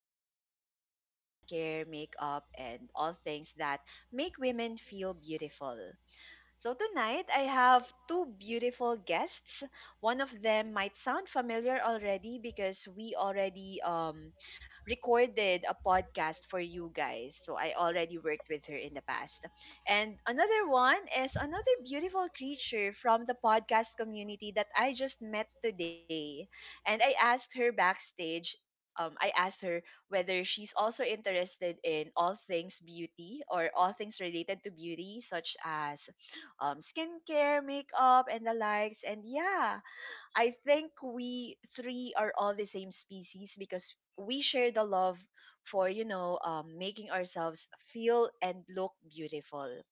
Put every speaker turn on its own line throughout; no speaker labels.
Other than, you know, skincare, makeup, and all things that make women feel beautiful. So tonight I have two beautiful guests. One of them might sound familiar already because we already recorded a podcast for you guys. So I already worked with her in the past. And another one is another beautiful creature from the podcast community that I just met today. And I asked her backstage I asked her whether she's also interested in all things beauty or all things related to beauty, such as skincare, makeup, and the likes. And yeah, I think we three are all the same species because we share the love for, making ourselves feel and look beautiful.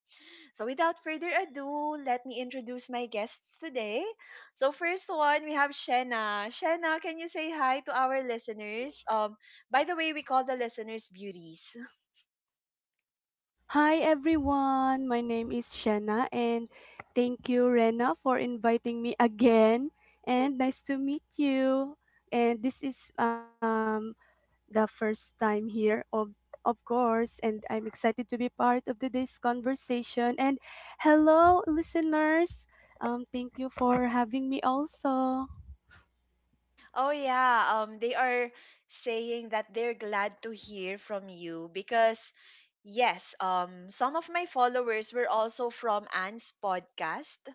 So without further ado, let me introduce my guests today. So first one, we have Shenna. Shenna, can you say hi to our listeners? By the way, we call the listeners beauties.
Hi.
Oh yeah, they are saying that they're glad to hear from you because yes, some of my followers were also from Anne's podcast.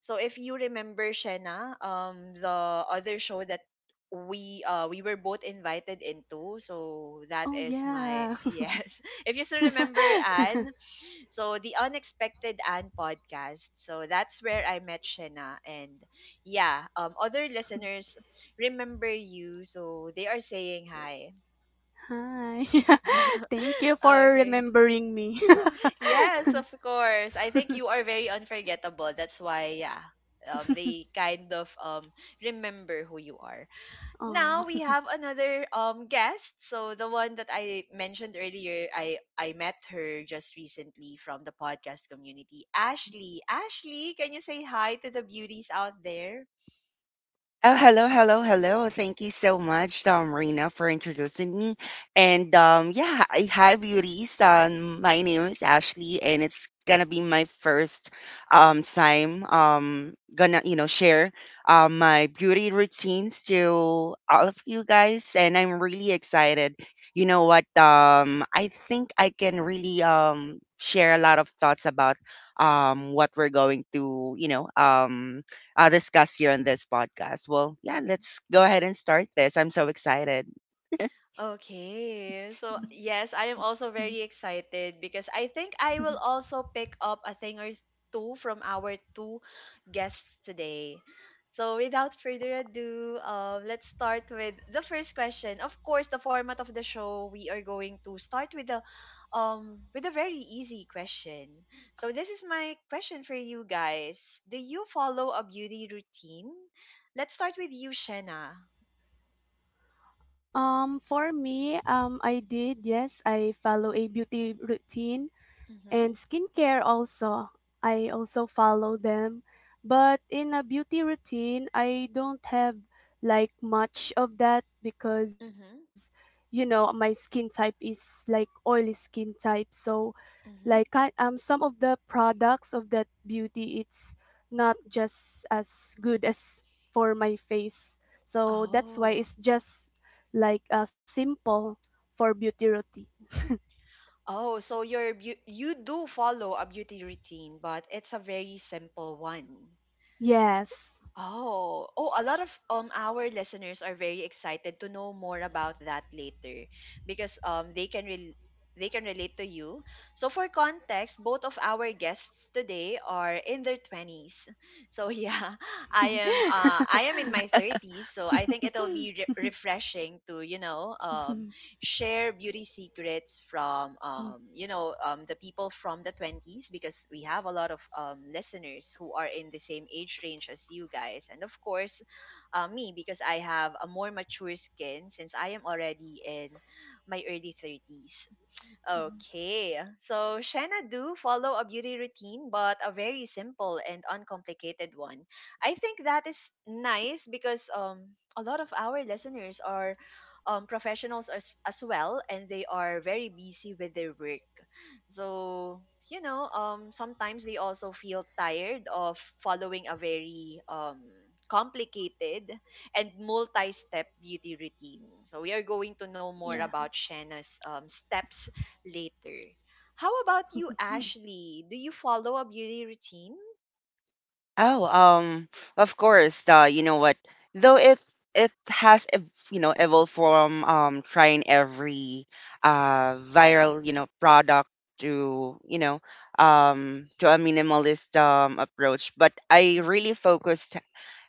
So if you remember Shena, the other show that we were both invited into,
Oh,
so that is
yeah.
my yes. If you still remember Anne, so the Unexpected and podcast. So that's where I met Shena. And yeah, other listeners remember you. So they are saying hi.
Hi. Thank you for
Okay.
remembering me.
Yes, of course. I think you are very unforgettable. That's why, yeah. They kind of remember who you are. Now
Oh.
we have another guest. So the one that I mentioned earlier, I met her just recently from the podcast community. Ashley, Ashley, can you say hi to the beauties out there?
Oh, hello, hello, hello. Thank you so much, Rena, for introducing me. And yeah, hi, beauties. My name is Ashley, and it's gonna be my first time gonna share my beauty routines to all of you guys, and I'm really excited. You know what? I think I can really share a lot of thoughts about what we're going to discuss here on this podcast. Well, yeah, let's go ahead and start this. I'm so excited.
Okay. So, yes, I am also very excited because I think I will also pick up a thing or two from our two guests today. So, without further ado, let's start with the first question. Of course, the format of the show, we are going to start with a very easy question. So, this is my question for you guys. Do you follow a beauty routine? Let's start with you, Shena.
For me, I did, yes, I follow a beauty routine
Mhm.
and skincare also. I also follow them. But in a beauty routine, I don't have like much of that because, you know, my skin type is like oily skin type. So, like kind
Mhm.
some of the products of that beauty it's not just as good as for my face, so that's why
Oh.
it's just like simple for beauty routine.
Oh, so you do follow a beauty routine, but it's a very simple one.
Yes.
Oh, oh, a lot of our listeners are very excited to know more about that later because they can relate to you. So for context, both of our guests today are in their 20s. So yeah, I am in my 30s, so I think it'll be re refreshing to, you know, share beauty secrets from
Hmm.
the people from the 20s because we have a lot of listeners who are in the same age range as you guys, and of course me, because I have a more mature skin since I am already in my early 30s.
Hmm.
Okay, so Shanna do follow a beauty routine, but a very simple and uncomplicated one. I think that is nice because a lot of our listeners are professionals as well, and they are very busy with their work. So, you know, sometimes they also feel tired of following a very complicated and multi step beauty routine. So, we are going to know more about Shanna's steps later. How about you, Ashley? Do you follow a beauty routine?
Oh, um, of course. You know what? Though it has evolved from trying every viral
Mm-hmm,
product to to a minimalist approach, but I
mm-hmm,
really focused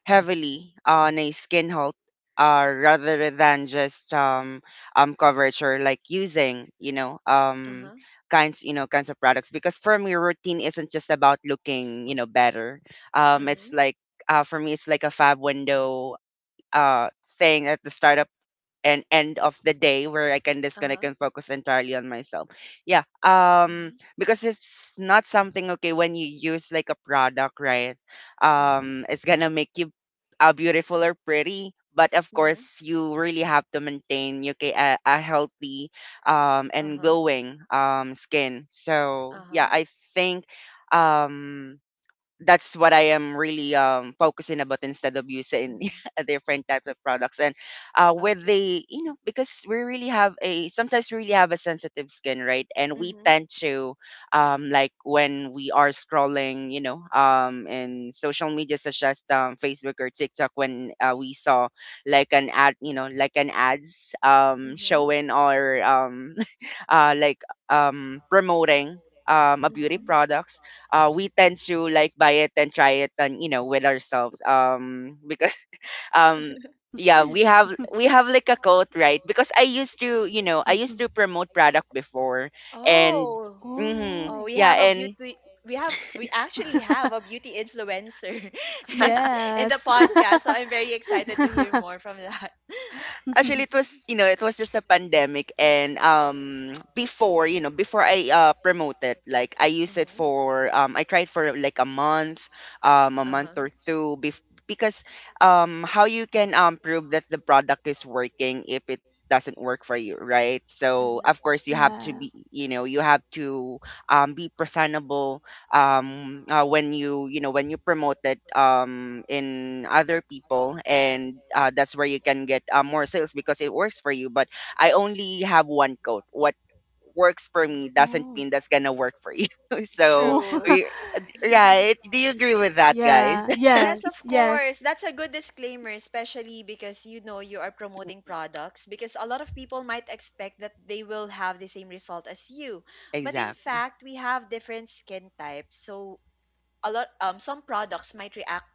heavily on a skin health, rather than just coverage or like using
uh-huh,
kinds kinds of products, because for me routine isn't just about looking better. It's
mm-hmm,
like, for me it's like a fab window uh thing at the start of and end of the day where I can disconnect
uh-huh,
and focus entirely on myself. Yeah.
mm-hmm,
Because it's not something okay when you use like a product, right?
mm-hmm,
It's gonna make you beautiful or pretty. But of
mm-hmm,
course, you really have to maintain okay, a healthy and
uh-huh,
glowing skin. So
uh-huh,
yeah, I think um, that's what I am really focusing about instead of using
mm-hmm.
different types of products. And, with
Okay.
the, you know, because we really have a, sometimes we really have a sensitive skin, right? And we
Mm-hmm,
tend to, like when we are scrolling, you know, in social media such as Facebook or TikTok, when we saw like an ad, you know, like an ads,
mm-hmm,
showing or like promoting a beauty
mm-hmm.
products, we tend to like buy it and try it and you know with ourselves because um yeah, we have like a quote, right? Because I used to, you know, I used to promote product before and
Oh.
hmm,
Oh, we
yeah,
have a
and
beauty. We actually have a beauty influencer in, in the
Yes.
podcast, so I'm very excited to hear more from that.
actually, it was, you know, it was just a pandemic and before, you know, before I promote it, like I use it
Mm-hmm.
for I tried for like a month
Uh-huh.
or two because how you can prove that the product is working if it doesn't work for you, right? So,
Mm-hmm.
of course, you have to
Yeah.
be, you know, you have to be presentable when you know, when you promote it in other people, and that's where you can get more sales because it works for you, but I only have one code. What works for me doesn't
Oh.
mean that's gonna work for you. So
Oh.
True.
we, right? Do you agree with that, guys?
Yeah.
Yes,
Yes.
of course.
Yes.
That's a good disclaimer, especially because you know you are promoting products. Because a lot of people might expect that they will have the same result as you, but in
Exactly.
fact, we have different skin types. So a lot, some products might react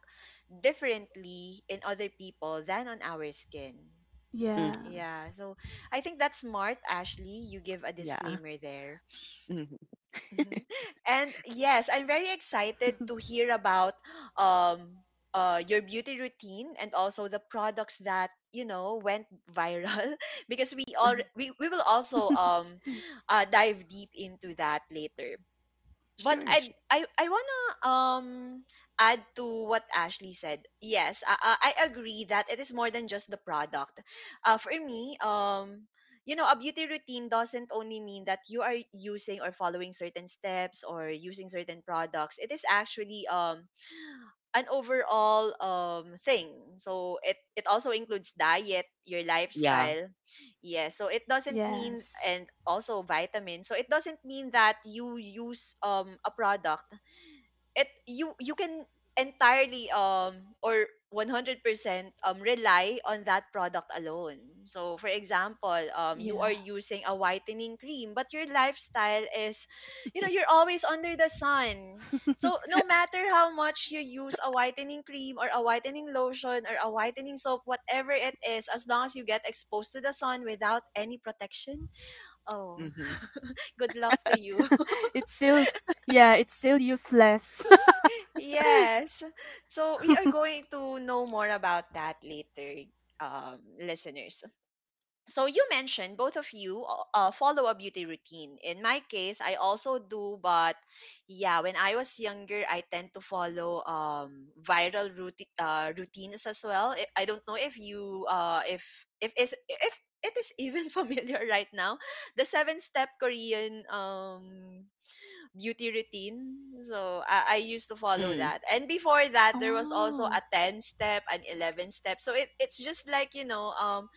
differently in other people than on our skin.
Yeah.
Hmm.
Yeah, so I think that's smart, Ashley. You give a
Yeah.
disclaimer there.
Hmm.
Mhm. And yes, I'm very excited to hear about um your beauty routine and also the products that you know went viral because
Hmm.
we will also dive deep into that later, but
Sure,
I
sure.
I I wanna add to what Ashley said. Yes, I agree that it is more than just the product. For me, you know, a beauty routine doesn't only mean that you are using or following certain steps or using certain products. It is actually an overall thing. So it also includes diet, your
Yeah.
lifestyle. Yeah, so it doesn't mean,
Yes.
and also vitamins. So it doesn't mean that you use a product, it you you can entirely or 100% rely on that product alone. So for example,
Yeah.
you are using a whitening cream but your lifestyle is, you know, you're always under the sun. So no matter how much you use a whitening cream or a whitening lotion or a whitening soap, whatever it is, as long as you get exposed to the sun without any protection, oh,
Hmm.
good luck to
It's
you.
still Yeah, it's still useless.
Yes. So we are going to know more about that later, listeners. So you mentioned both of you follow a beauty routine. In my case, I also do, but yeah, when I was younger, I tend to follow viral routines as well. I don't know if you if is if it is even familiar right now, the 7 step Korean beauty routine. So I used to follow
Mm-hmm.
that. And before that, there was also
Oh.
a 10 step, an 11 step. So it's just like, you know,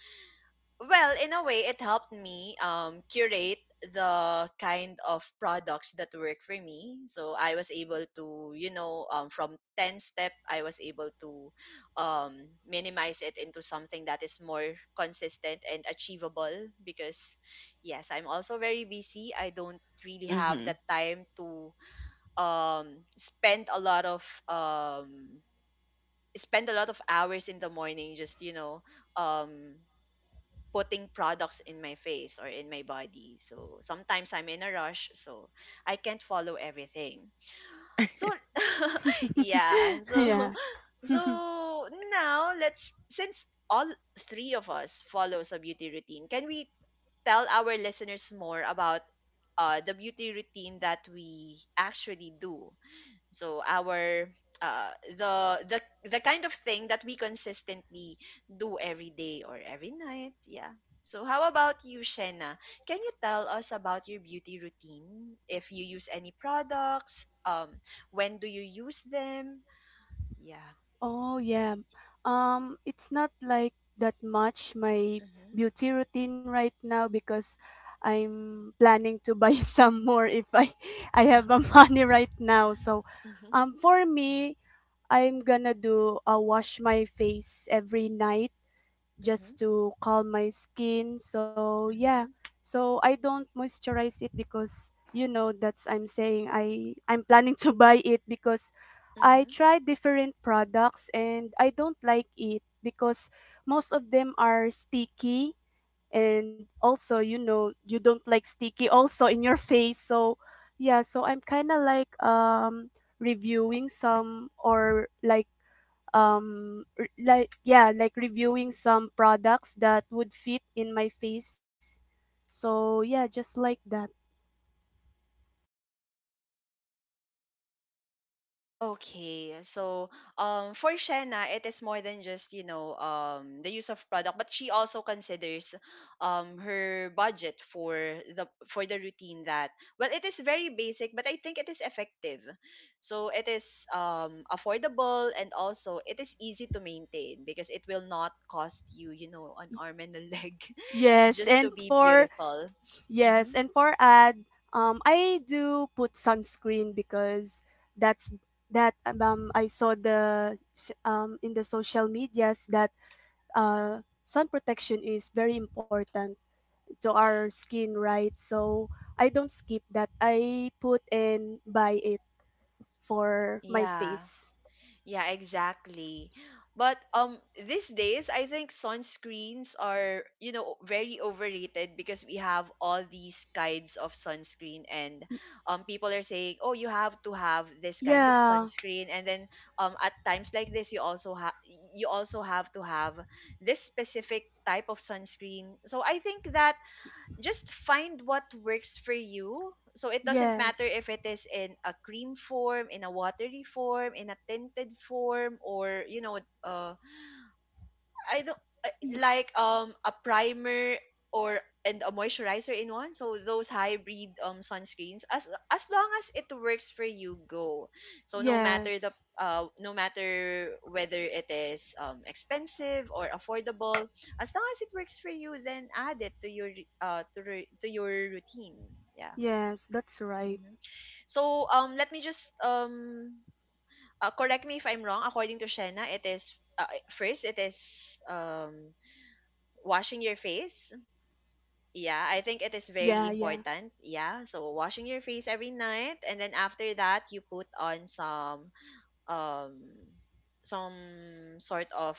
well, in a way, it helped me curate the kind of products that work for me. So I was able to, you know, from 10 step, I was able to minimize it into something that is more consistent and achievable, because yes, I'm also very busy. I don't really have
Mm-hmm.
the time to um spend a lot of um spend a lot of hours in the morning, just, you know, um putting products in my face or in my body. So sometimes I'm in a rush, so I can't follow everything. So yeah. So
Yeah.
so now let's, since all three of us follows a beauty routine, can we tell our listeners more about the beauty routine that we actually do? So our uh the the the kind of thing that we consistently do every day or every night, yeah. So how about you, Shena, can you tell us about your beauty routine? If you use any products, when do you use them, yeah.
Oh, yeah. It's not like that much my
Mhm.
beauty routine right now because I'm planning to buy some more if I have a
Mhm.
money right now. So
Mhm.
for me, I'm gonna do a wash my face every night just to calm my skin. So yeah,
Mhm.
so I don't moisturize it because you know that's I'm saying I'm planning to buy it because I
Mhm.
tried different products and I don't like it because most of them are sticky and also you know you don't like sticky also in your face. So yeah, so I'm kind of like reviewing some or like yeah, like reviewing some products that would fit in my face, so yeah, just like that.
Okay, so for Shanna, it is more than just, you know, the use of product, but she also considers her budget for the routine that, well, it is very basic, but I think it is effective. So it is affordable, and also it is easy to maintain because it will not cost you, you know, an arm and a leg
yes
just to
and
be
for
beautiful.
yes, and
Mm-hmm.
for ad, I do put sunscreen because that's, that I saw in the social medias that sun protection is very important to our skin, right? So I don't skip that. I put and buy it for my
Yeah.
face.
Yeah, exactly. But these days I think sunscreens are, you know, very overrated because we have all these kinds of sunscreen, and
Y-
people are saying, "Oh, you have to have this kind of
yeah,
sunscreen." And then at times like this you also have, you also have to have this specific type of sunscreen. So I think that just find what works for you. So it doesn't matter
yes,
if it is in a cream form, in a watery form, in a tinted form, or you know, I don't
y-
like a primer or and a moisturizer in one. So those hybrid sunscreens, as long as it works for you, go. So no matter the
yes,
no matter whether it is expensive or affordable, as long as it works for you, then add it to your to your routine. Yeah.
yes, that's right.
Hmm. So let me just correct me if I'm wrong. According to Shena, it is first it is washing your face. Yeah, I think it is very
Yeah, yeah.
important. Yeah, so washing your face every night and then after that you put on um some sort of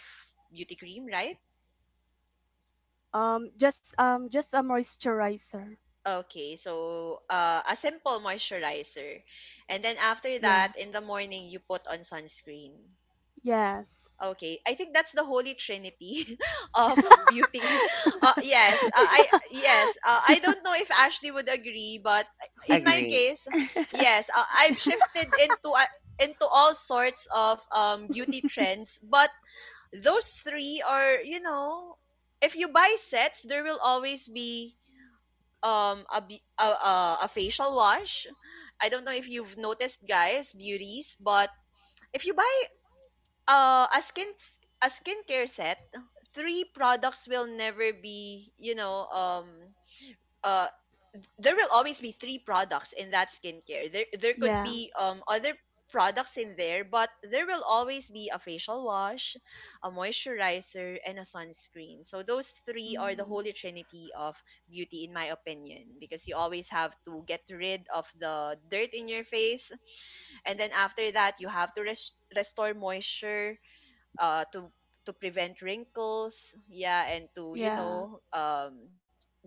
beauty cream, right?
Just a moisturizer.
Okay, so a simple moisturizer and then
Yeah,
after that in the morning you put on sunscreen.
yes.
Okay, I think that's the holy trinity of beauty. Uh, yes, uh, I
Yeah.
yes, I don't know if Ashley would agree, but in my
Agree.
case, yes, I've shifted into all sorts of beauty trends, but those three are, you know, if you buy sets, there will always be um a be- a, a, a facial wash. I don't know if you've noticed, guys, beauties, but if you buy uh, a skin a skincare set, three products will never be, you know, uh there will always be three products in that skincare. There could
Yeah.
be other products in there, but there will always be a facial wash, a moisturizer, and a sunscreen. So those three are the
Mm.
holy trinity of beauty in my opinion, because you always have to get rid of the dirt in your face and then after that you have to restore moisture uh to to prevent wrinkles, yeah, and to, you
Yeah.
know,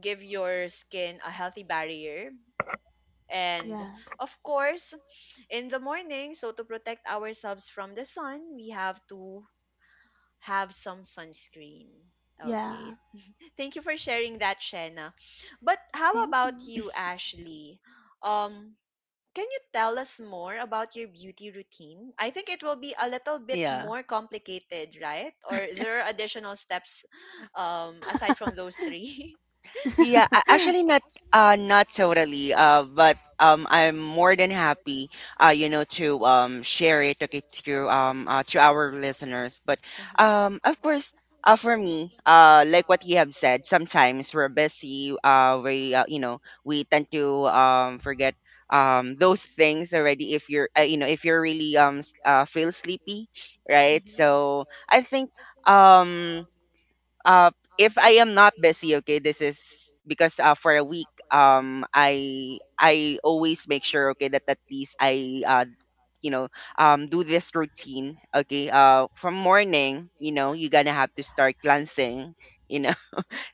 give your skin a healthy barrier, and
Yeah.
of course in the morning, so to protect ourselves from the sun we have to have some sunscreen. Okay,
Yeah.
thank you for sharing that, Shena. But how
Thank
about
you.
you, Ashley? um can you tell us more about your beauty routine? I think it will be a little bit
Yeah.
more complicated, right? Or there are additional steps aside from those three?
Yeah, actually not, not totally, but I'm more than happy, you know, to share it okay through to our listeners. But
Mm-hmm.
of course, for me, like what you have said, sometimes we're busy, we, you know, we tend to forget those things already if you're, you know, if you're really feel sleepy, right?
Mm-hmm.
So I think, um uh if I am not busy, okay, this is because, for a week, I always make sure, okay, that at least I, you know do this routine, okay. From morning, you know, you're gonna have to start cleansing. You know,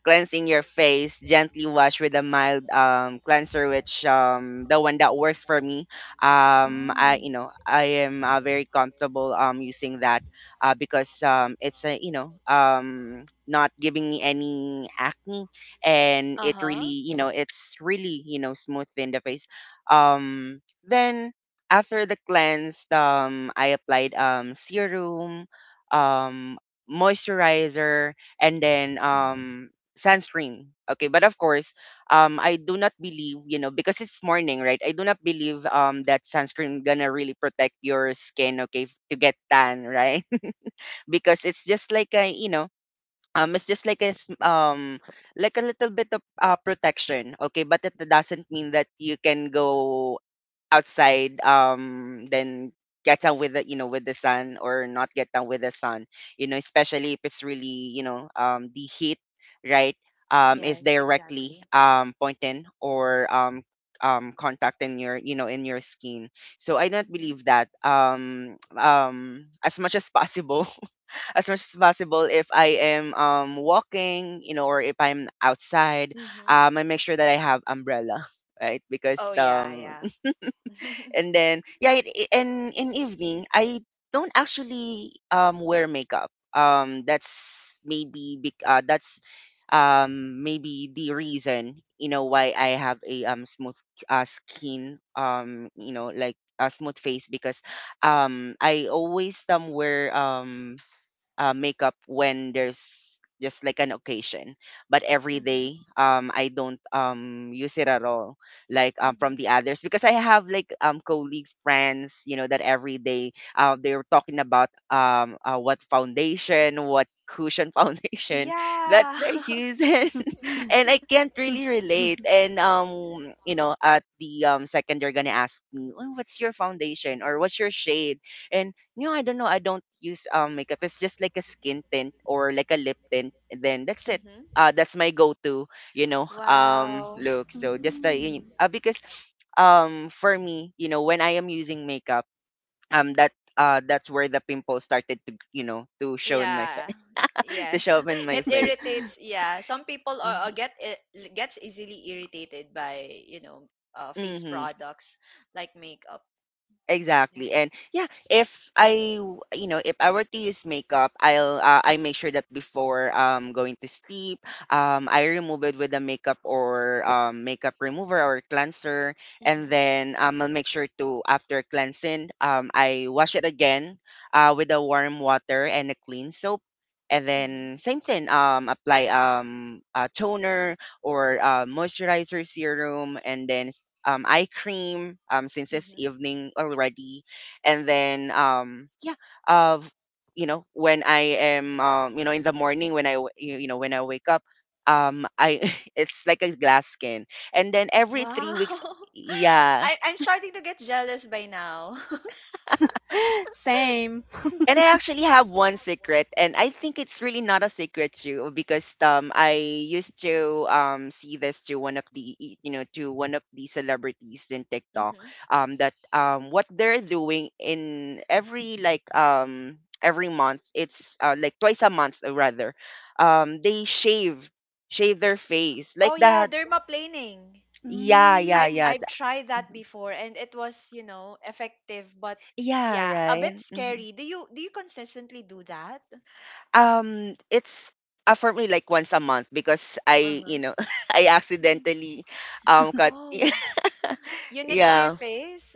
cleansing your face, gently wash with a mild cleanser, which the one that works for me. I, you
Ooh.
know, I am, very comfortable using that, because it's a, you know, not giving me any acne, and
Uh
it
huh.
really, you know, it's really, you know, smooth in the face. Um, then after the cleanse, I applied serum, um moisturizer, and then
Uh huh.
sunscreen. Okay, but of course, I do not believe, you know, because it's morning, right? I do not believe that sunscreen gonna really protect your skin, okay, to get tan, right? Because it's just like a, you know, it's just like a like a little bit of protection, okay, but it doesn't mean that you can go outside then get down with the, you know, with the sun or not get down with the sun, you know, especially if it's really, you know, the heat, right, is
Yes,
directly
exactly.
pointing or contacting your, you know, in your skin. So I don't believe
Mm-hmm.
that. As much as possible, as much as possible, if I am walking, you know, or if I'm outside,
Mm-hmm.
I make sure that I have umbrella, right? Because
Oh, yeah, yeah.
and then yeah, and in evening I don't actually wear makeup. That's maybe that's maybe the reason, you know, why I have a smooth, skin, you know, like a smooth face, because I always wear makeup when there's just like an occasion, but every
Mm-hmm.
day I don't use it at all, like from
Mm-hmm.
the others, because I have like colleagues, friends, you know, that every day, they are talking about what foundation, what cushion foundation that
Yeah.
they're using. And I can't really relate. And you know, at the second they're gonna ask me, "Oh, what's your foundation or what's your shade?" And no, I don't know. I don't use makeup. It's just like a skin tint or like a lip tint, and then that's it.
Mm-hmm.
That's my go-to, you know,
Wow.
look. So just
Mm.
because, for me, you know, when I am using makeup, um, that that's where the pimple started to, you know, to show in my
Yeah.
face, to
Yes.
show up in my
It
face.
irritates. Yeah. Some people are
Mm-hmm.
gets easily irritated by, you know, face
Mm-hmm.
products like makeup. Yeah.
Exactly. And yeah, if I you know, if I were to use makeup, I make sure that before going to sleep, I remove it with a makeup or makeup remover or cleanser. And
Mhm.
then I'll make sure to, after cleansing, I wash it again, with a warm water and a clean soap. And
Mhm.
then same thing, apply a toner or moisturizer serum, and then eye cream, since it's
Mhm.
evening already. And then, yeah, uh, you know, when I am you know, in the morning when I when I wake up, I it's like a glass skin. And then every three
Wow.
weeks, yeah,
I'm starting to get jealous by now.
Same.
and I actually have one secret, and I think it's really not a secret too, because I used to see this to one of the you know, to one of the celebrities in TikTok,
Mhm.
that what they're doing in every like every month, it's like twice a month, rather, they shave their face like
Oh yeah,
that.
dermaplaning.
Yeah, yeah,
I
yeah.
Mm.
I've tried that
Mm-hmm.
before and it was, you know, effective, but
Yeah,
yeah, a bit
right. Mm-hmm.
scary. Do you consistently do that?
It's For me, like once a month because I,
Uh-huh.
you know, I accidentally cut.
Oh. You nicked your
Yeah,
face?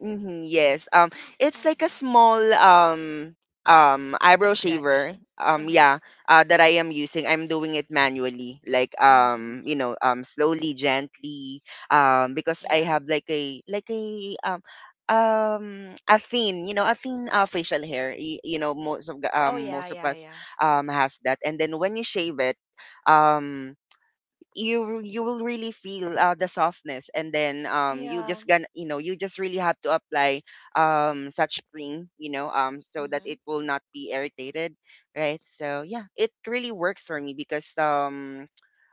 mm-hmm, yes. It's
Oh,
like a
well,
small
a
eyebrow
scratch.
shaver.
Uh-huh.
Yeah. That I am using. I'm doing it manually, like
Mm-hmm.
you know, slowly, gently. Because I
Yeah.
have like a a thin, you know, a thin, facial hair. You know, most of the,
Oh, yeah,
most of
yeah,
us
yeah.
has that, and then when you shave it um you you will really feel the softness, and then you
Yeah.
just gonna, you know, you just really have to apply such cream, you know, so that
Mm-hmm.
it will not be irritated, right? So yeah, it really works for me because,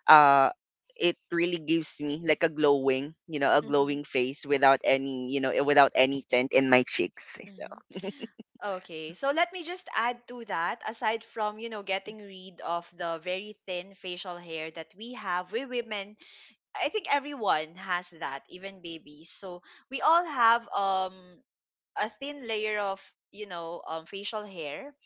uh it really gives me like a glowing, you know, a
Mm-hmm.
glowing face without any, you know, without any tint in my cheeks. So
Mm-hmm. Okay. So let me just add to that, aside from, you know, getting rid of the very thin facial hair that we have, we women, I think everyone has that, even babies. So we all have a thin layer of, you know, facial hair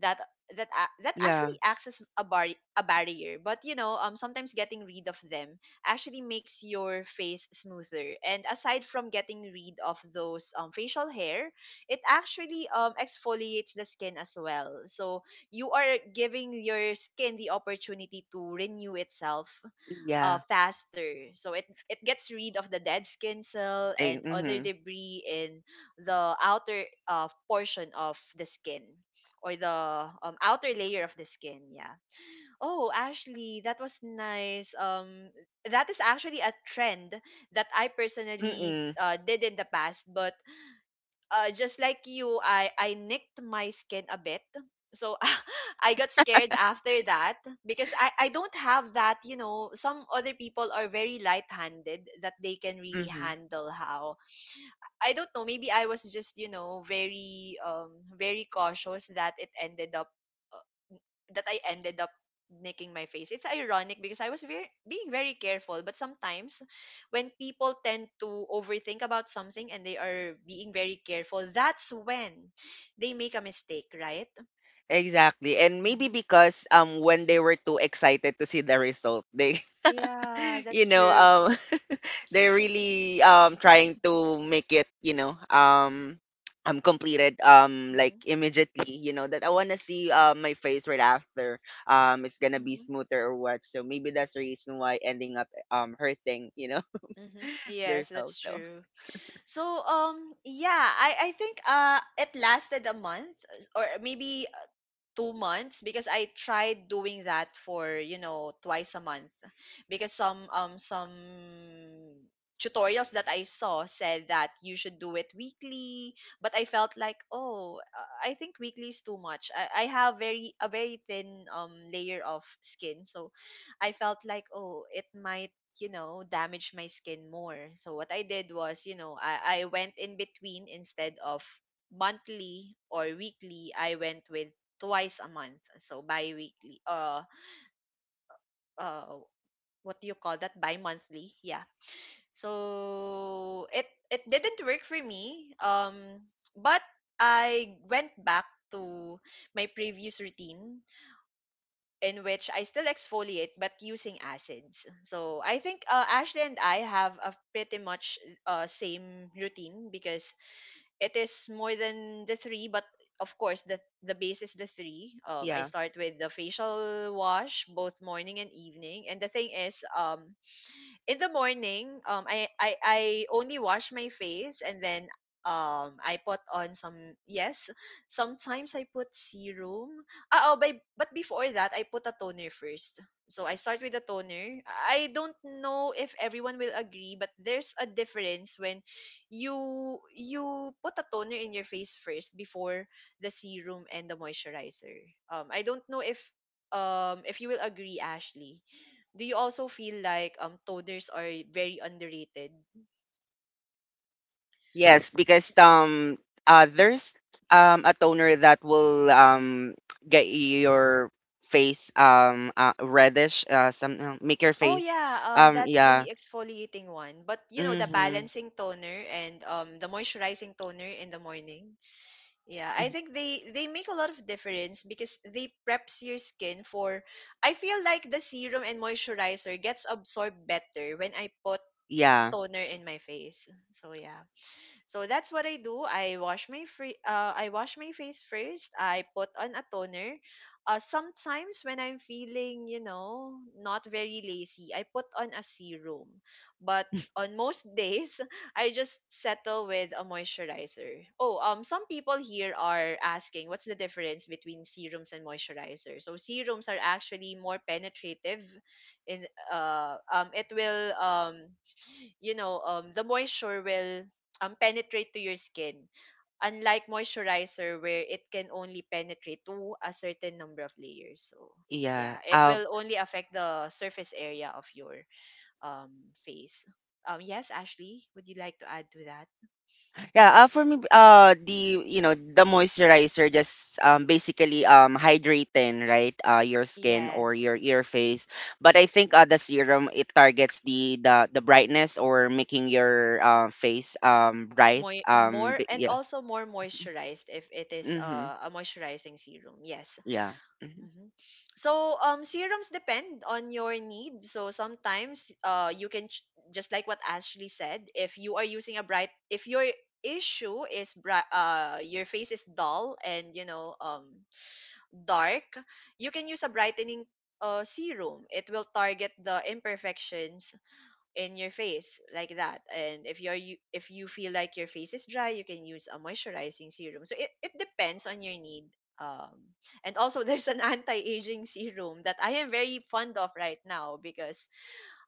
that that
yeah.
actually acts as a bar, a barrier. But, you know, sometimes getting rid of them actually makes your face smoother. And aside from getting rid of those facial hair, it actually exfoliates the skin as well, so you are giving your skin the opportunity to renew itself,
Yeah.
faster. So it gets rid of the dead skin cell
Eh,
and other
mm-hmm.
debris in the outer portion of the skin, or the outer layer of the skin. Yeah. Oh, Ashley, that was nice. That is actually a trend that I personally
Mm-mm.
did in the past, but just like you, I nicked my skin a bit. So I got scared after that because I don't have that, you know. Some other people are very light-handed that they can really
Mm-hmm.
handle how. I don't know, maybe I was just, you know, very very cautious that it ended up that I ended up making my face. It's ironic because I was very careful, but sometimes when people tend to overthink about something and they are being very careful, that's when they make a mistake, right?
Exactly. And maybe
Hmm.
because when they were too excited to see the result, they
Yeah,
you
that's
know,
true.
they're really trying to make it, you know, completed like
Hmm.
immediately, you know, that I wanna see my face right after it's gonna be
Hmm.
smoother or what. So maybe that's the reason why ending up hurting, you know,
Hmm. Yes,
themselves.
that's
So
true. So yeah, I think it lasted a month or maybe 2 months, because I tried doing that for, you know, twice a month, because some tutorials that I saw said that you should do it weekly, but I felt like, oh, I think weekly is too much. I have very a very thin layer of skin, so I felt like, oh, it might, you know, damage my skin more. So what I did was, you know, I went in between. Instead of monthly or weekly, I went with twice a month, so bi-weekly. Uh, what do you call that? Bi-monthly. Yeah. So it didn't work for me. But I went back to my previous routine, in which I still exfoliate but using acids. So I think Ashley and I have a pretty much same routine, because it is more than the three, but of course the base is the three. I
yeah.
start with the facial wash both morning and evening, and the thing is, in the morning, I only wash my face and then I put on some yes. Sometimes I put serum. But before that I put a toner first. So I start with a toner. I don't know if everyone will agree, but there's a difference when you you put a toner in your face first before the serum and the moisturizer. I don't know if you will agree, Ashley. Do you also feel like toners are very underrated?
Yes, because there's a toner that will get your face reddish, some, make your
Oh
face
yeah, that's
yeah.
the exfoliating one. But you know, the
Mhm.
balancing toner and the moisturizing toner in the morning. Yeah, I
Mm.
think they make a lot of difference because they preps your skin for I feel like the serum and moisturizer gets absorbed better when I put
Yeah,
toner in my face. So yeah. So that's what I do. I wash my face first. I put on a toner. Sometimes when I'm feeling, you know, not very lazy, I put on a serum. But on most days, I just settle with a moisturizer. Oh, some people here are asking what's the difference between serums and moisturizer. So serums are actually more penetrative, in it will you know, the moisture will penetrate to your skin. Unlike moisturizer where it can only penetrate to a certain number of layers. So, yeah,
yeah,
it will only affect the surface area of your um, face. Yes, Ashley, would you like to add to that?
yeah, for me, the, you know, the moisturizer just basically hydrating, right, your skin or
Yes,
your face, but I think, the serum, it targets the brightness or making your, face bright,
more and
yeah.
also more moisturized if it is
Mm-hmm,
a moisturizing serum. Yes,
yeah, mm-hmm,
Mhm. So serums depend on your need. So sometimes you can just like what Ashley said, if you are using a bright if your issue is bright your face is dull and you know dark, you can use a brightening serum. It will target the imperfections in your face like that. And if you're you if you feel like your face is dry, you can use a moisturizing serum. So it depends on your need, um and also there's an anti-aging serum that I am very fond of right now, because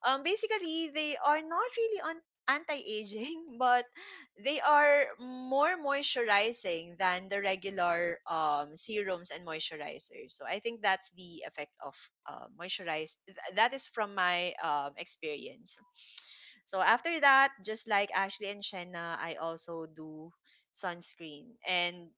basically they are not really on anti-aging but they are more moisturizing than the regular serums and moisturizers. So I think that's the effect of that is from my experience. So after that, just like Ashley and Shenna, I also do sunscreen. And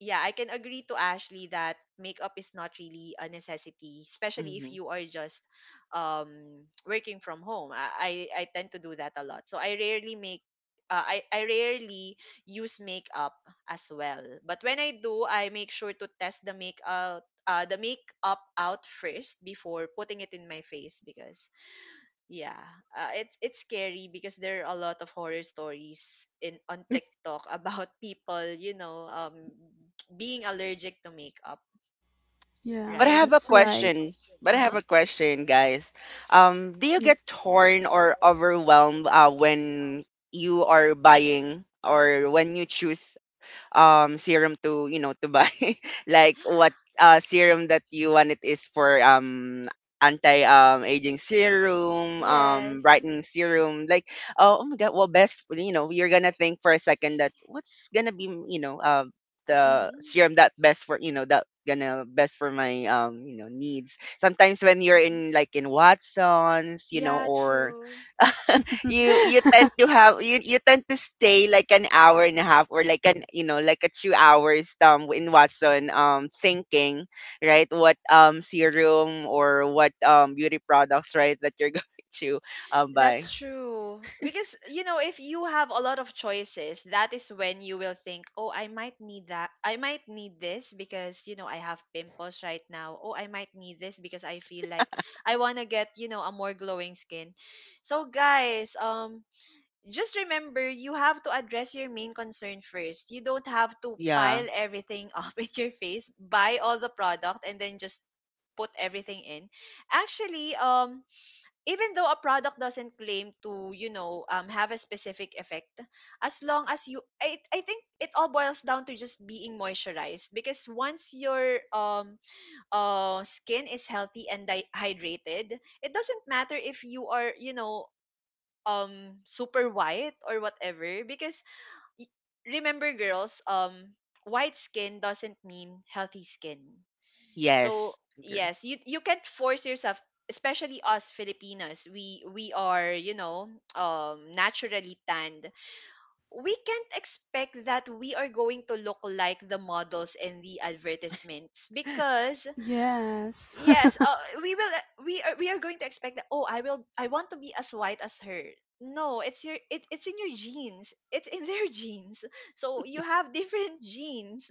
yeah, I can agree to Ashley that makeup is not really a necessity, especially if
mm-hmm.
you are just working from home. I tend to do that a lot. So I rarely use makeup as well. But when I do, I make sure to test the makeup out first before putting it in my face, because yeah, it's scary because there are a lot of horror stories in on TikTok about people, you know, being allergic to makeup,
But
Yeah,
I
right?
have a
that's right.
question. But
Uh
I have
huh.
a question, guys. Do you
Yeah.
get torn or overwhelmed, when you are buying or when you choose serum to, you know, to buy, like what serum that you want, it is for anti, aging serum,
Yes.
brightening serum, like oh, oh my god. Well, best, you know, you're gonna think for a second that what's gonna be, you know, the serum
Mm-hmm.
that best for, you know, that gonna best for my, you know, needs. Sometimes when you're
Mm-hmm.
in, like, in Watsons, you know,
Yeah,
or
true.
you tend to have, you tend to stay like an hour and a half or like an, you know, like a 2 hours in Watson thinking, right, what serum or what beauty products, right, that you're going to
That's
buy.
true. Because, you know, if you have a lot of choices, that is when you will think, oh, I might need that. I might need this because, you know, I have pimples right now. Oh, I might need this because I feel like I want to get, you know, a more glowing skin. So, guys, just remember, you have to address your main concern first. You don't have to
Yeah,
pile everything up in your face, buy all the product, and then just put everything in. Actually, even though a product doesn't claim to, you know, have a specific effect, as long as you I think it all boils down to just being moisturized, because once your skin is healthy and hydrated, it doesn't matter if you are, you know, super white or whatever, because y- remember, girls, white skin doesn't mean healthy skin, so
yes, agree.
yes, you can't force yourself, especially us Filipinas. We are, you know, naturally tanned. We can't expect that we are going to look like the models in the advertisements because
Yes.
yes, we will we are going to expect that, oh, I want to be as white as her. No, it's in your genes. It's in their genes. So you have different genes.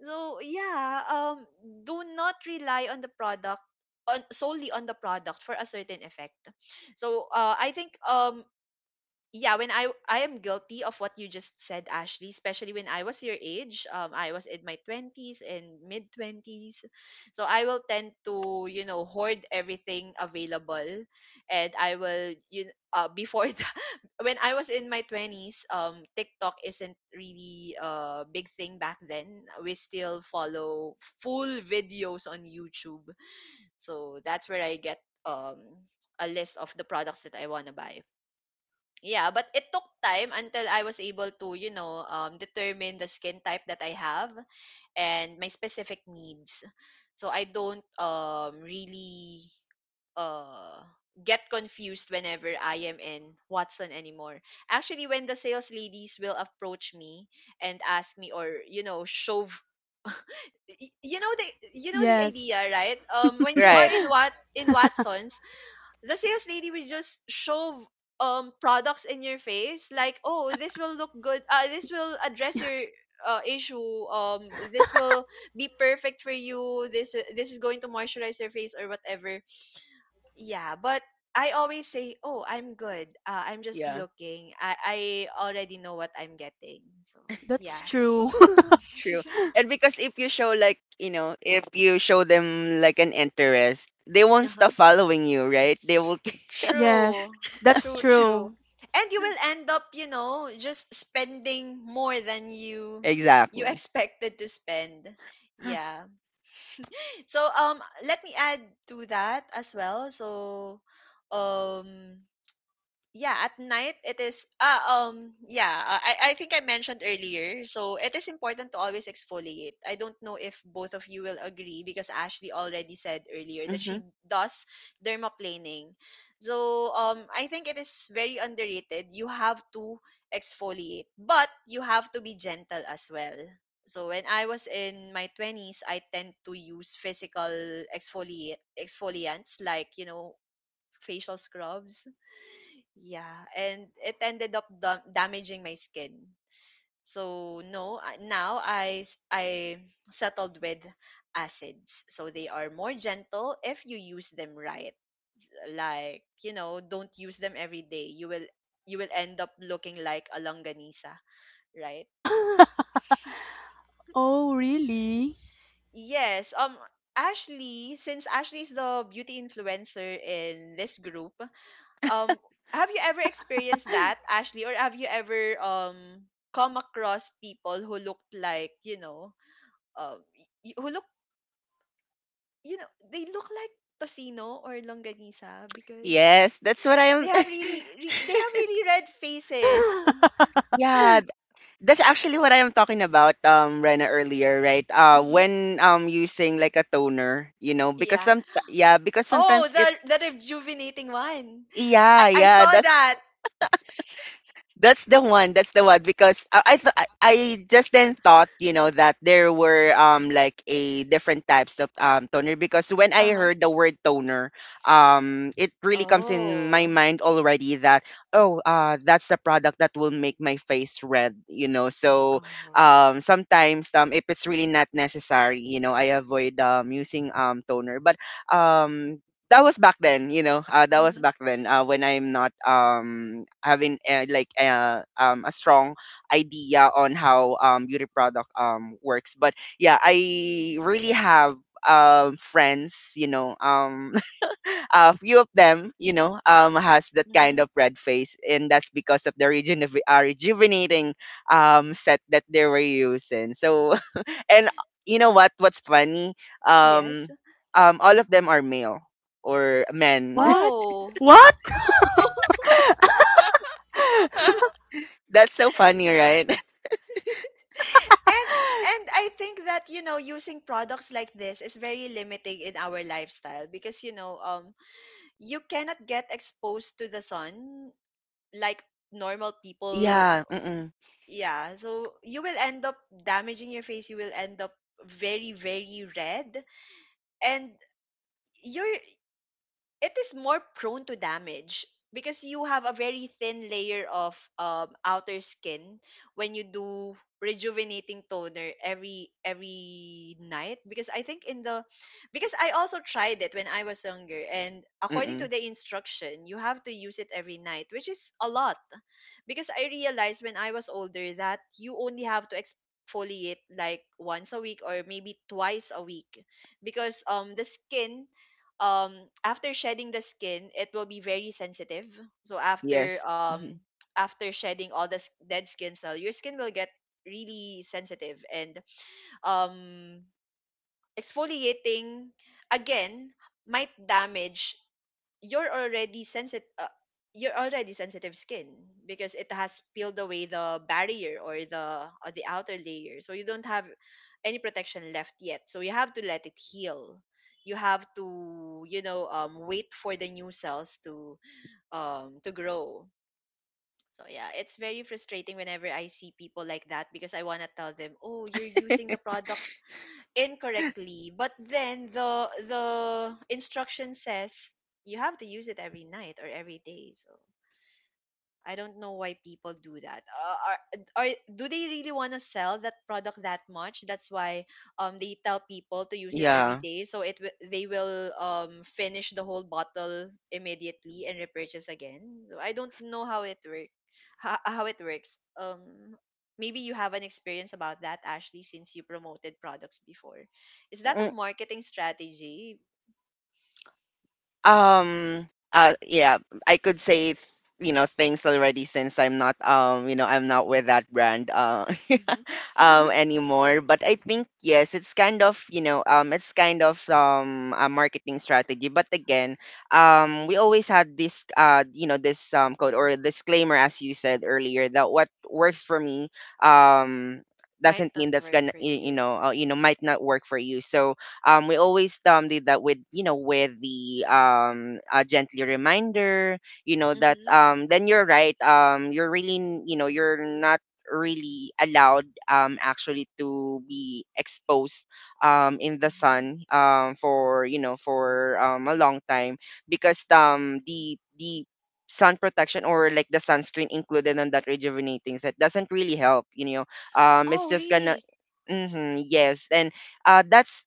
So yeah, do not rely on the product, on solely on the product for a certain effect. So I think yeah, when I am guilty of what you just said, Ashley, especially when I was your age. I was in my 20s and mid 20s, so I will tend to, you know, hoard everything available, and I will before that, when I was in my 20s, TikTok isn't really a big thing back then. We still follow full videos on YouTube, so that's where I get a list of the products that I want to buy. Yeah, but it took time until I was able to, you know, determine the skin type that I have and my specific needs. So I don't really uh, get confused whenever I am in Watson anymore. Actually, when the sales ladies will approach me and ask me or, you know, shove, y- you know the you know the idea,
Yes.
right? When you are
Right.
in what in Watsons, the sales lady will just shove products in your face, like, oh, this will look good, this will address your issue, this will be perfect for you, this is going to moisturize your face or whatever. Yeah, but I always say, oh, I'm good, I'm just
Yeah,
looking, I already know what I'm getting. So
That's
yeah.
true.
true. And because if you show, like, you know, if you show them like an interest, they won't stop following you, right, they will.
True,
Yes, that's true.
true. And you will end up, you know, just spending more than you
exactly.
expected to spend. Yeah. So let me add to that as well. So um yeah, at night, it is yeah, I think I mentioned earlier, so it is important to always exfoliate. I don't know if both of you will agree, because Ashley already said earlier that
Hmm.
she does dermaplaning. So I think it is very underrated. You have to exfoliate, but you have to be gentle as well. So when I was in my 20s, I tend to use physical exfoliate exfoliants, like, you know, facial scrubs. Yeah, and it ended up damaging my skin. So no, now I settled with acids. So they are more gentle if you use them right. Like, you know, don't use them every day. You will end up looking like a longanisa, right?
Oh, really?
Yes. Ashley, since Ashley is the beauty influencer in this group, um have you ever experienced that, Ashley, or have you ever come across people who looked like, you know, um who look, you know, they look like tocino or longanisa, because
Yes, that's what I
they
am.
have they have really red faces.
yeah. That's actually what I am talking about, Rena, earlier, right?
Hmm.
When using like a toner, you know, because
Yeah.
some, yeah, because
Oh,
sometimes it,
the rejuvenating one. i
yeah,
i
yeah,
saw
that's.
that.
That's the one. That's the one, because I, th- I just then thought, you know, that there were like a different types of toner, because when I
Uh-huh.
heard the word toner, it really comes in my
Oh.
mind already that oh, that's the product that will make my face red, you know. So
Oh.
sometimes, if it's really not necessary, you know, I avoid using toner, but um that was back then, you know. That was
Mm-hmm,
back then, when I'm not having, a strong idea on how beauty product works. But yeah, I really have friends, you know, a few of them, you know, has that kind
mm-hmm.
of red face, and that's because of the rejuvenating set that they were using. So, and you know what? What's funny? Um,
Yes.
all of them are male or men.
What?
Oh.
What?
That's so funny, right?
And I think that, you know, using products like this is very limiting in our lifestyle, because, you know, you cannot get exposed to the sun like normal people.
yeah. Mm-mm,
Yeah, so you will end up damaging your face. You will end up very, very red, and you're, it is more prone to damage because you have a very thin layer of outer skin when you do rejuvenating toner every night. Because I think in the, because I also tried it when I was younger, and according to
mm-mm.
the instruction, you have to use it every night, which is a lot. Because I realized when I was older that you only have to exfoliate, like, once a week or maybe twice a week. Because the skin, um after shedding the skin, it will be very sensitive. So after
Yes. Mhm,
after shedding all the dead skin cell, your skin will get really sensitive, and um exfoliating again might damage you're already sensitive uh, you're already sensitive skin, because it has peeled away the barrier, or the outer layer, so you don't have any protection left yet. So you have to let it heal. You have to, you know, wait for the new cells to grow. So yeah, it's very frustrating whenever I see people like that, because I want to tell them, oh, you're using the product incorrectly, but then the instruction says you have to use it every night or every day. So I don't know why people do that. Are, do they really want to sell that product that much? That's why they tell people to use it every
yeah.
day, so they will finish the whole bottle immediately and repurchase again. So I don't know how it work, how it works. Maybe you have an experience about that, Ashley, since you promoted products before. Is that a marketing strategy?
Yeah, I could say you know, things already, since I'm not, you know, I'm not with that brand,
Hmm.
anymore. But I think, yes, it's kind of, you know, it's kind of a marketing strategy. But again, we always had this, you know, this code or disclaimer, as you said earlier, that what works for me, um
Might
doesn't mean
not
that's
work
gonna
for
you
you.
know, you know,
Yeah.
might not work for you. So, we always did that with, you know, with the, a gently reminder, you know, that
Mm-hmm.
then you're right. You're really, you know, you're not really allowed, actually, to be exposed in the
Mm-hmm.
sun for, you know, for a long time, because the sun protection, or like the sunscreen included in that rejuvenating set, doesn't really help, you know, it's
Oh,
just gonna.
really?
Hmm, yes. And uh that's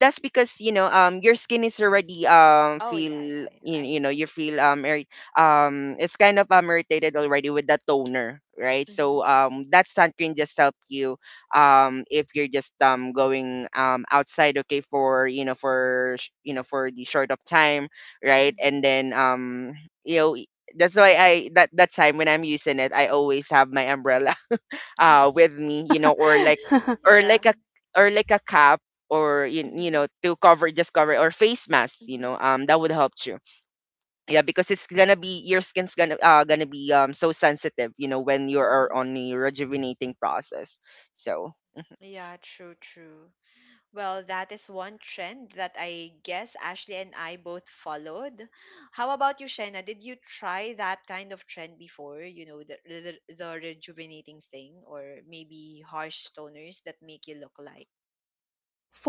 that's because, you know, your skin is already,
Oh, yeah,
feel,
yeah, yeah.
you know,
I
you
see.
feel it's kind of, irritated already with the toner, right?
Mm-hmm,
So that sunscreen just help you, if you're just going outside, okay, for, you know, for you know, for the short of time, right.
mm-hmm.
and then you know I- That's why I, that that time when I'm using it, I always have my umbrella with me, you know, or like, or
Yeah.
like a or like a cap, or, you
Mm-hmm,
know, to cover, just cover, or face mask, you
mm-hmm,
know, that would help you. Yeah, because it's gonna be, your skin's gonna, gonna be so sensitive, you know, when you are
mm-hmm.
on a rejuvenating process. So.
Yeah, true, true. Well, that is one trend that I guess Ashley and I both followed. How about you, Shena? Did you try that kind of trend before? You know, the the rejuvenating thing, or maybe harsh toners that make you look like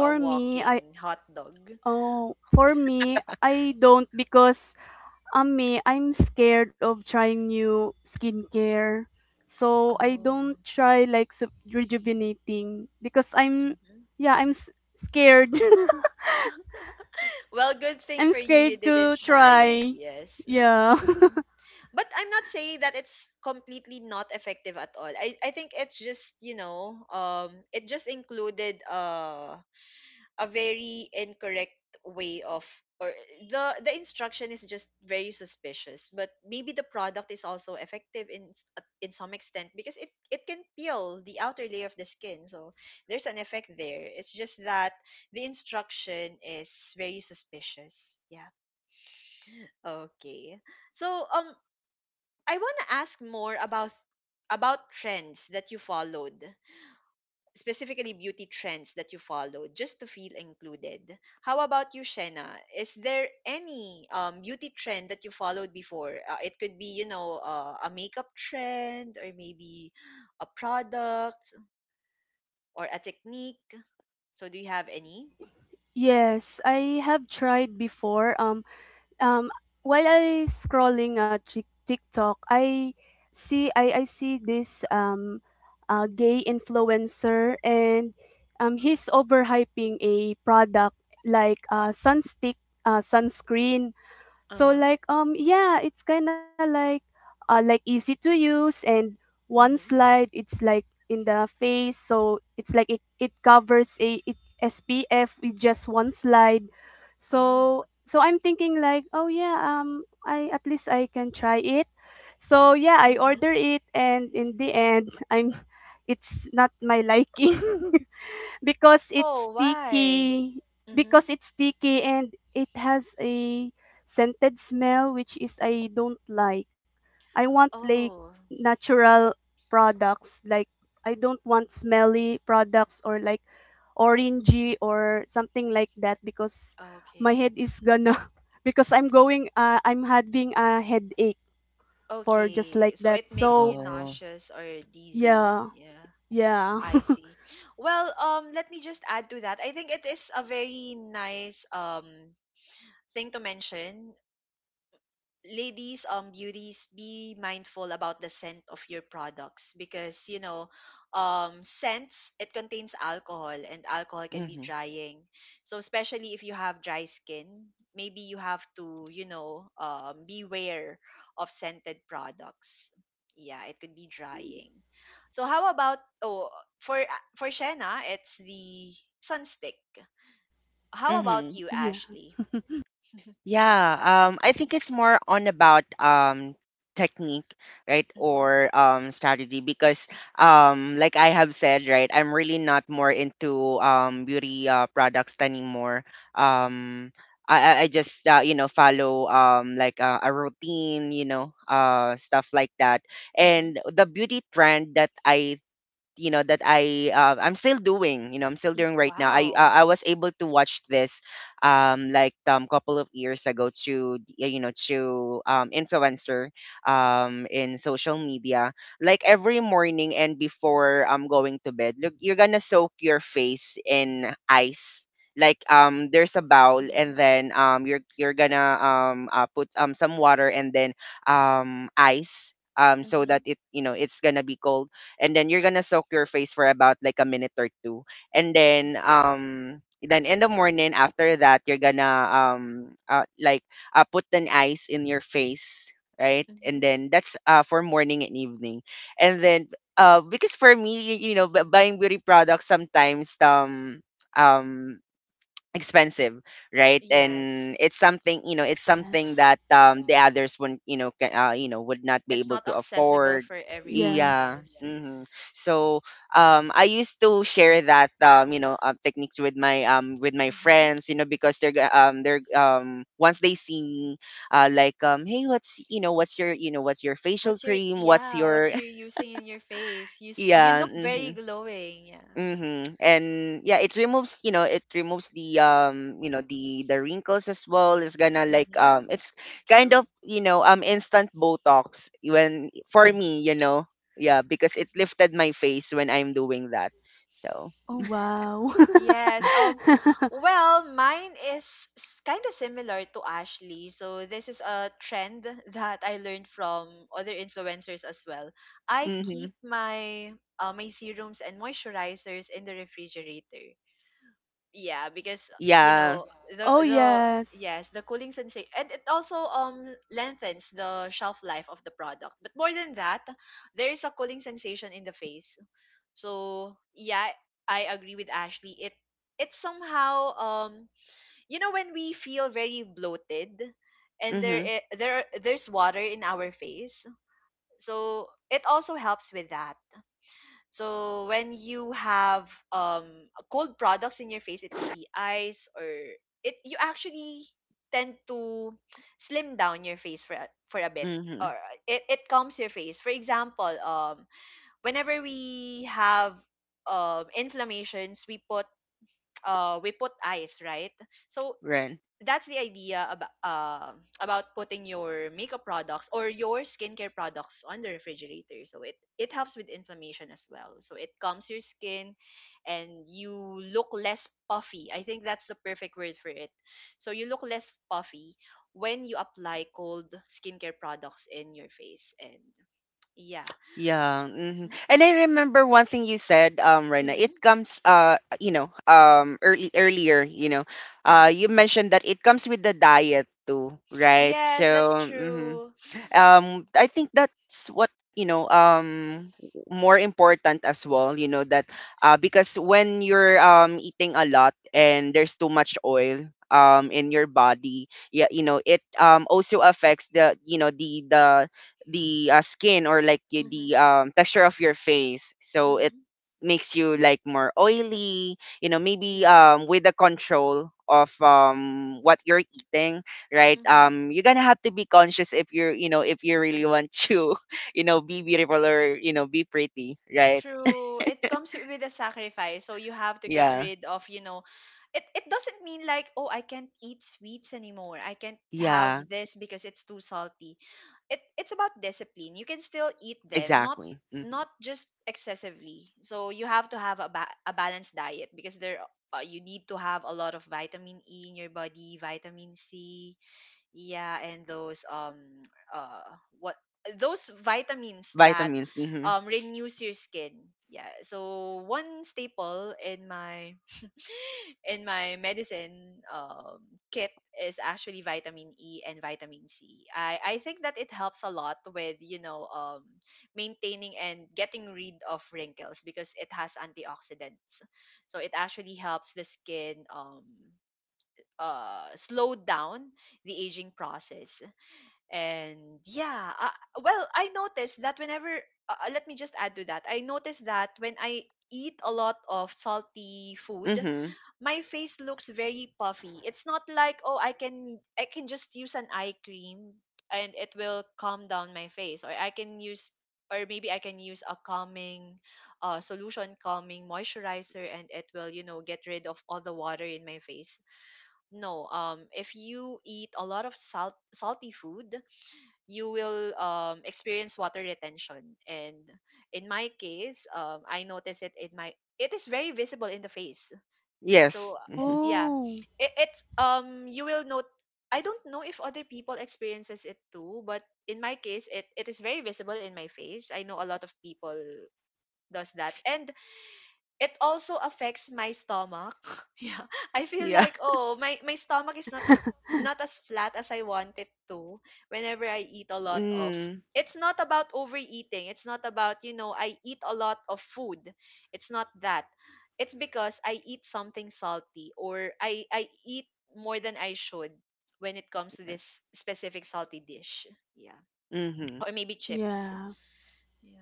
a
me, I
walking hot dog?
Oh, for me, I don't because me, I'm scared of trying new skincare. So I
Oh.
don't try like sub- rejuvenating because I'm,
Hmm.
yeah, I'm scared.
Well, good thing
I'm
for you, you
scared
didn't
to
try it.
try.
Yes.
Yeah.
Mhm. But I'm not saying that it's completely not effective at all. I think it's just, you know, it just included a very incorrect way of, or the instruction is just very suspicious. But maybe the product is also effective, in in some extent, because it can peel the outer layer of the skin. So there's an effect there. It's just that the instruction is very suspicious, yeah. Okay, so I want to ask more about trends that you followed, specifically beauty trends that you followed, just to feel included. How about you, Shena? Is there any beauty trend that you followed before? It could be, you know, a makeup trend, or maybe a product, or a technique. So, do you have any?
Yes, I have tried before. Um, while I scrolling Tik- TikTok, I see this gay influencer, and he's overhyping a product like sunstick, sunscreen.
Uh
So
huh.
like yeah, it's kind of like easy to use, and one
Mm-hmm.
slide it's like in the face, so it's like it covers a, it SPF with just one slide.
Oh.
So I'm thinking like, oh yeah, I at least I can try it. So yeah, I order
Mm-hmm.
it, and in the end I'm it's not my liking. because it's
Oh, why?
sticky
Mm-hmm.
because it's sticky and it has a scented smell, which is I don't like. I want like
Oh.
natural products. Like, I don't want smelly products or like
Mm-hmm.
orangey or something like that because my
Okay.
head is gonna because I'm going I'm having a headache for just
Okay,
like
so
that.
it makes
So
you
Oh,
nauseous or dizzy.
yeah,
Yeah,
yeah.
I see. Well, let me just add to that. I think it is a very nice thing to mention, ladies, beauties, be mindful about the scent of your products, because, you know, scents, it contains alcohol, and alcohol can be
mhm,
drying. So especially if you have dry skin, maybe you have to, you know, beware of scented products. Yeah, it could be drying. So how about, oh, for for Shena, it's the sunstick. How about
mhm.
you,
Yeah.
Ashley?
Yeah, I think it's more on about technique, right,
Mm-hmm.
or strategy. Because like I have said, right, I'm really not more into beauty, products anymore. Um, I just, you know, follow like a routine, you know, stuff like that. And
Mm-hmm.
the beauty trend that I'm still doing, you know, I'm still doing right now,
Wow.
I was able to watch this couple of years ago, to, you know, through influencer in social media. Like, every morning and before going to bed, look, you're gonna soak your face in ice, like, there's a bowl,
Mm-hmm.
and then you're gonna put some water, and then ice, so
Mm-hmm.
that, it, you know, it's gonna be cold. And then you're gonna soak your face for about like a minute or two. And then in the morning after that, you're gonna uh, like put an ice in your face, right. And
Mm-hmm.
then that's, for morning and evening. And then, because for me, you know, buying beauty products sometimes, um expensive, right.
Yes,
And it's something, you know, it's something
Yes.
that the others wouldn't, you know, you know, would not be
it's
able
not
to
accessible
afford.
for everyone.
Yeah.
Yeah.
Yes.
Hmm. So, I used to share that, you know, techniques with my, with my
Mm-hmm.
friends, you know, because they're, once they see me, like hey, what's, you know, what's your, you know, what's your facial
What's your,
cream, what's
yeah?
your.
What's your using in your face? You
yeah,
look
mm-hmm.
very glowing. Yeah.
Mhm. And yeah, it removes, you know, it removes the, you know, the wrinkles as well. It's gonna like,
Mm-hmm.
it's kind of,
True.
you know, instant botox, when, for me, you know. Yeah, because it
Mm-hmm.
lifted my face when I'm doing that. So,
Oh, wow.
Yes. Well, mine is kind of similar to Ashley. So this is a trend that I learned from other influencers as well. I keep
mhm.
my my serums and moisturizers in the refrigerator. Yeah, because you
Yeah.
know
Oh,
the,
yes.
yes, the cooling sensation, and it also lengthens the shelf life of the product. But more than that, there is a cooling sensation in the face. So yeah, I agree with Ashley. It somehow you know, when we feel very bloated, and there
Mhm.
there there's water in our face, so it also helps with that. So when you have cold products in your face, it could be ice, or it, you actually tend to slim down your face for a bit.
Mhm.
Or it calms your face. For example, whenever we have inflammations, we put ice, right? So
Right.
that's the idea about putting your makeup products or your skincare products on the refrigerator. So it helps with inflammation as well. So it calms your skin, and you look less puffy. I think that's the perfect word for it. So you look less puffy when you apply cold skincare products in your face. And yeah.
Yeah. Hmm.
Hmm.
And I remember one thing you said, Rena.
Hmm.
It comes, you know, early earlier, you know,
Hmm.
you mentioned that it comes with the diet too, right? So,
Yes, that's
mhm.
true.
I think that's what, you know, more important as well, you know, that, because when you're eating a lot, and there's too much oil in your body, yeah, you know, it also affects the, you know, the skin, or like, the
Hmm.
texture of your face. So it
Hmm.
makes you like more oily, you know. Maybe,
Yeah.
with the control of what you're eating, right,
Mm-hmm.
you're gonna have to be conscious, if you're, you know, if you really want to, you know, be beautiful, or you know, be pretty, right.
True. It comes with a sacrifice. So you have to get
Yeah,
rid of, you know, it doesn't mean like, oh, I can't eat sweets anymore. I can't have
yeah,
this because it's too salty. It's about discipline. You can still eat them, not
exactly. Hmm.
just excessively. So you have to have a, a balanced diet. Because there you need to have a lot of vitamin E in your body, vitamin C, yeah, and those uh what those vitamins that
Vitamins, mm-hmm.
renews your skin. Yeah. So one staple in my medicine kit is actually vitamin E and vitamin C. I think that it helps a lot with, maintaining and getting rid of wrinkles because it has antioxidants. So it actually helps the skin slow down the aging process and yeah, well, I noticed that let me just add to that. I noticed that when I eat a lot of salty food,
Mm-hmm.
my face looks very puffy. It's not like, oh, I can just use an eye cream and it will calm down my face, or I can use or maybe I can use a calming solution, calming moisturizer, and it will, you know, get rid of all the water in my face. No, if you eat a lot of salty food, you will experience water retention. And in my case, I notice it in my it is very visible in the face. So
Yes. Hmm.
yeah,
Oh,
it's you will note. I don't know if other people experiences it too, but in my case, it is very visible in my face. I know a lot of people does that, and it also affects my stomach. Yeah. I feel
Yeah.
like, oh, my stomach is not not as flat as I want it to whenever I eat a lot of.
mm.
It's not about overeating. It's not about, you know, I eat a lot of food. It's not that. It's because I eat something salty or I eat more than I should when it comes to
Yes.
this specific salty dish. Yeah.
Mm-hmm.
Or maybe chips.
yeah.
Yeah.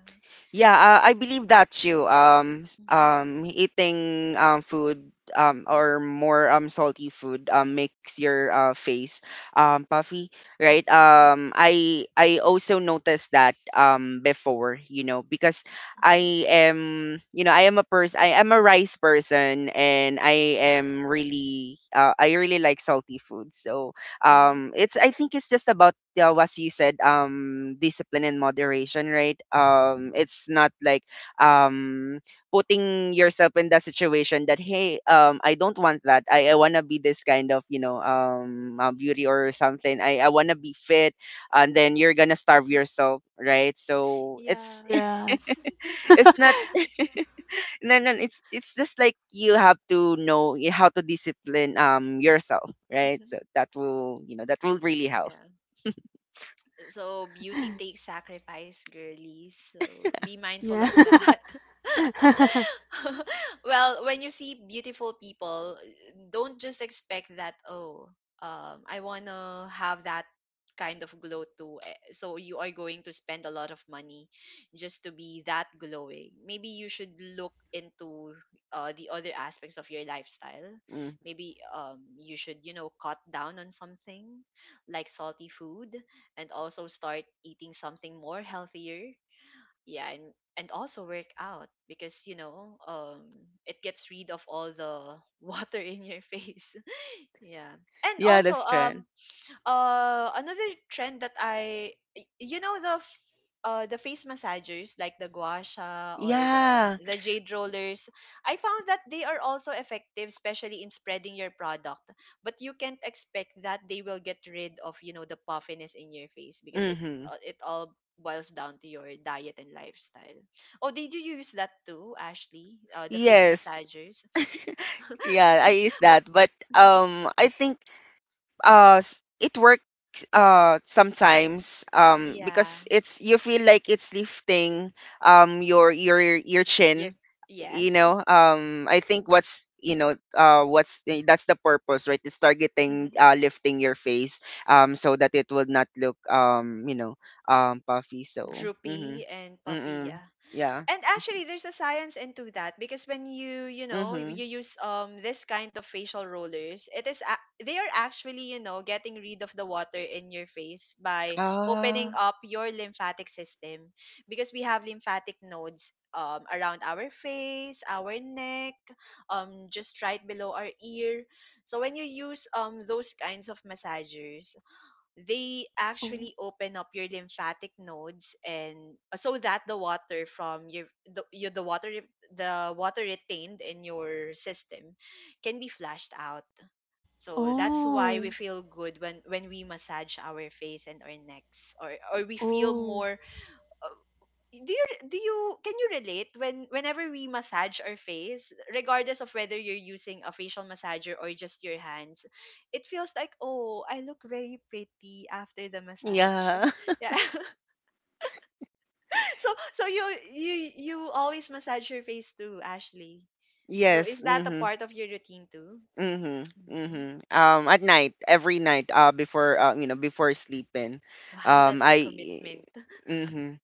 Yeah, I believe that's you.
Mm-hmm.
Eating food, or more salty food, makes your, face puffy, right?
hmm
I also noticed that before, you know, because I am, you know, I am a person, I am a rice person, and I am really, I really like salty food. So
hmm
it's, I think it's just about, what you said, discipline and moderation, right. Um,
hmm
it's not like um putting yourself in that situation that, hey, I don't want that, I want to be this kind of, you know, beauty or something, I want to be fit, and then you're gonna starve
hmm
yourself, right. So
Yeah.
it's,
Yes.
it's not, no, it's just like you have to know, how to discipline yourself, right?
Mhm.
So that will, you know, that will really help.
Yeah. So beauty takes sacrifice, girlies. So be mindful
Yeah.
of that. Well, when you see beautiful people, don't just expect that, oh, I want to have that kind of glow too. Eh, so you are going to spend a lot of money just to be that glowing. Maybe you should look into the other aspects of your lifestyle.
Mm.
Maybe you should, you know, cut down on something like salty food and also start eating something more healthier. Yeah, and also work out because you know it gets rid of all the water in your face. Yeah, and
Yeah,
also
that's trend.
another trend that I, y- you know the, f- the face massagers like the gua sha or the
Yeah.
the jade rollers. I found that they are also effective, especially in spreading your product. But you can't expect that they will get rid of, you know, the puffiness in your face because
Mm-hmm.
it all boils down to your diet and lifestyle. Oh, did you use that too, Ashley? The face
Yes.
massagers.
Yeah, I use
Wha-
that. But I think, it works, sometimes,
yeah,
because it's, you feel like it's lifting your, your
your
chin. You
yes.
know, I think what's, you know, what's, eh, that's the purpose, right, it's targeting,
hmm
lifting your face, so that it will not look, you know, puffy. So, mm-hmm.
Droopy and puffy,
Mm-mm.
yeah.
Yeah,
And actually there's a science into that, because when you you know you
mm-hmm.
you use this kind of facial rollers it is they are actually, you know, getting rid of the water in your face by opening
Ah,
up your lymphatic system, because we have lymphatic nodes around our face, our neck, just right below our ear. So when you use those kinds of massagers, they
Oh.
actually open up your lymphatic nodes and so that the water from your, the water retained in your system can be flushed out. So that's why
Oh.
we feel good when we massage our face and our necks, or we feel
Oh.
more do you can you relate, when whenever we massage our face, regardless of whether you're using a facial massager or just your hands, it feels like, oh, I look very pretty after the massage.
yeah.
Yeah. So you you always massage your face too, Ashley? So
Yes.
is that a
Mhm.
part of your routine too?
Mhm.
hmm
Mhm. Um, at night, every night, before, you know, before sleeping.
wow, that's a
I
commitment.
mhm.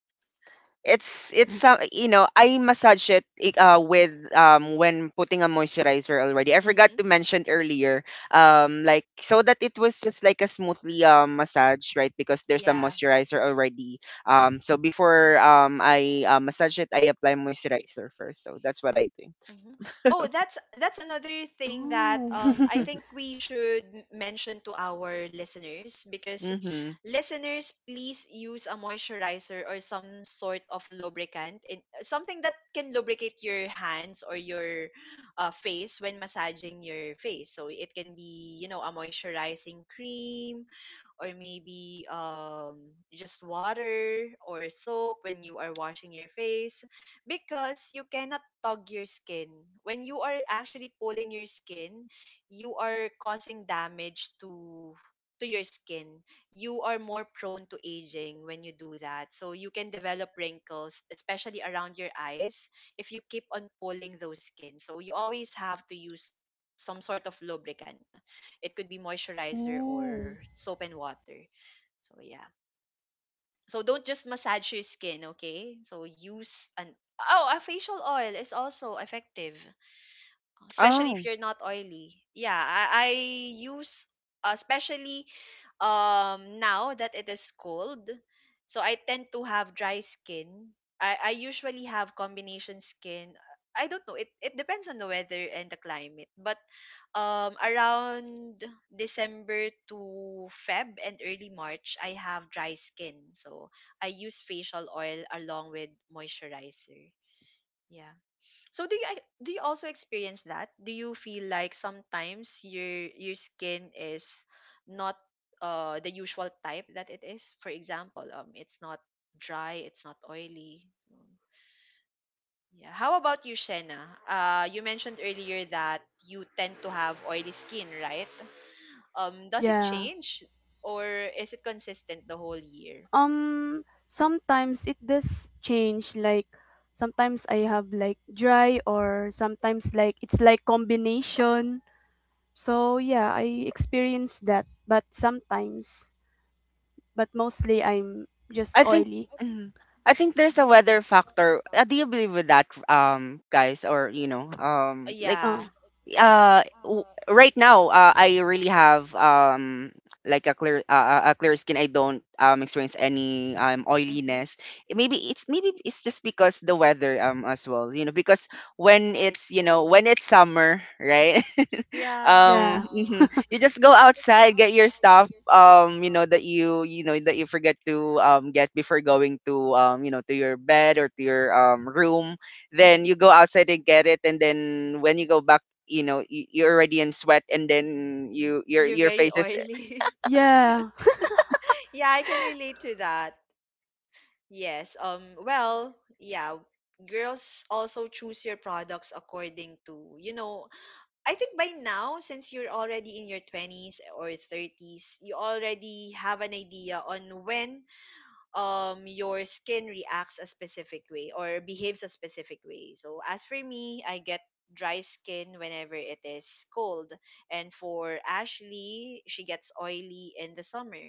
It's, you know, I massage it, with when putting a moisturizer already. I forgot
hmm
to mention earlier. Um, like, so that it was just like a smoothly massage, right? Because there's a
yeah.
moisturizer already. Um, so before, I massage it, I apply moisturizer first. So that's what I think.
Mhm. Oh, that's another thing that
Oh.
I
Mm-hmm.
think we should mention to our listeners, because
Mm-hmm.
listeners, please use a moisturizer or some sort of lubricant, in something that can lubricate your hands or your face when massaging your face. So it can be, you know, a moisturizing cream or maybe just water or soap when you are washing your face, because you cannot tug your skin. When you are actually pulling your skin, you are causing damage to your skin. You are more prone to aging when you do that. So you can develop wrinkles, especially around your eyes, if you keep on pulling those skins. So you always have to use some sort of lubricant. It could be moisturizer
Oh.
or soap and water. So yeah. So don't just massage your skin, okay? So use an oh, a facial oil is also effective, especially if
Oh,
you're not oily. Yeah, I use especially now that it is cold, so I tend to have dry skin. I usually have combination skin. I don't know. It depends on the weather and the climate. But around December to Feb and early March, I have dry skin. So I use facial oil along with moisturizer. Yeah. So do you also experience that? Do you feel like sometimes your skin is not the usual type that it is? For example, it's not dry, it's not oily. So, yeah. How about you, Shena? Uh, you mentioned earlier that you tend to have oily skin, right? Does it
Yeah.
change or is it consistent the whole year?
Sometimes it does change, like sometimes I have like dry or sometimes like it's like combination. So yeah, I experience that, but sometimes, but mostly I'm just
I think,
oily.
mhm. I think there's a
Mm-hmm.
weather factor. Do you believe with that, guys, or, you know, like,
Yeah.
Oh,
uh, w- right now, I really have like a clear, a clear skin. I don't experience any
Mm-hmm.
oiliness. Eh, maybe it's, maybe it's just because the weather as well. You know, because when
Yeah,
it's,
it's
you know,
cool.
when it's summer, right?
Yeah.
yeah.
Mhm. You just go outside, get your stuff, you know, that you know, that you forget to get before going to, you know, to your bed or to your room. Then
Mm-hmm.
you go outside and get it, and then when you go back, you know, you're already in sweat, and then you, your
You're
your
very
face is.
oily.
Yeah.
Yeah, I can relate to that. Yes. Well, yeah. Girls, also choose your products according to, you know. I think by now, since you're already in your twenties or thirties, you already have an idea on when your skin reacts a specific way or behaves a specific way. So as for me, I get dry skin whenever it is cold, and for Ashley, she gets oily in the summer.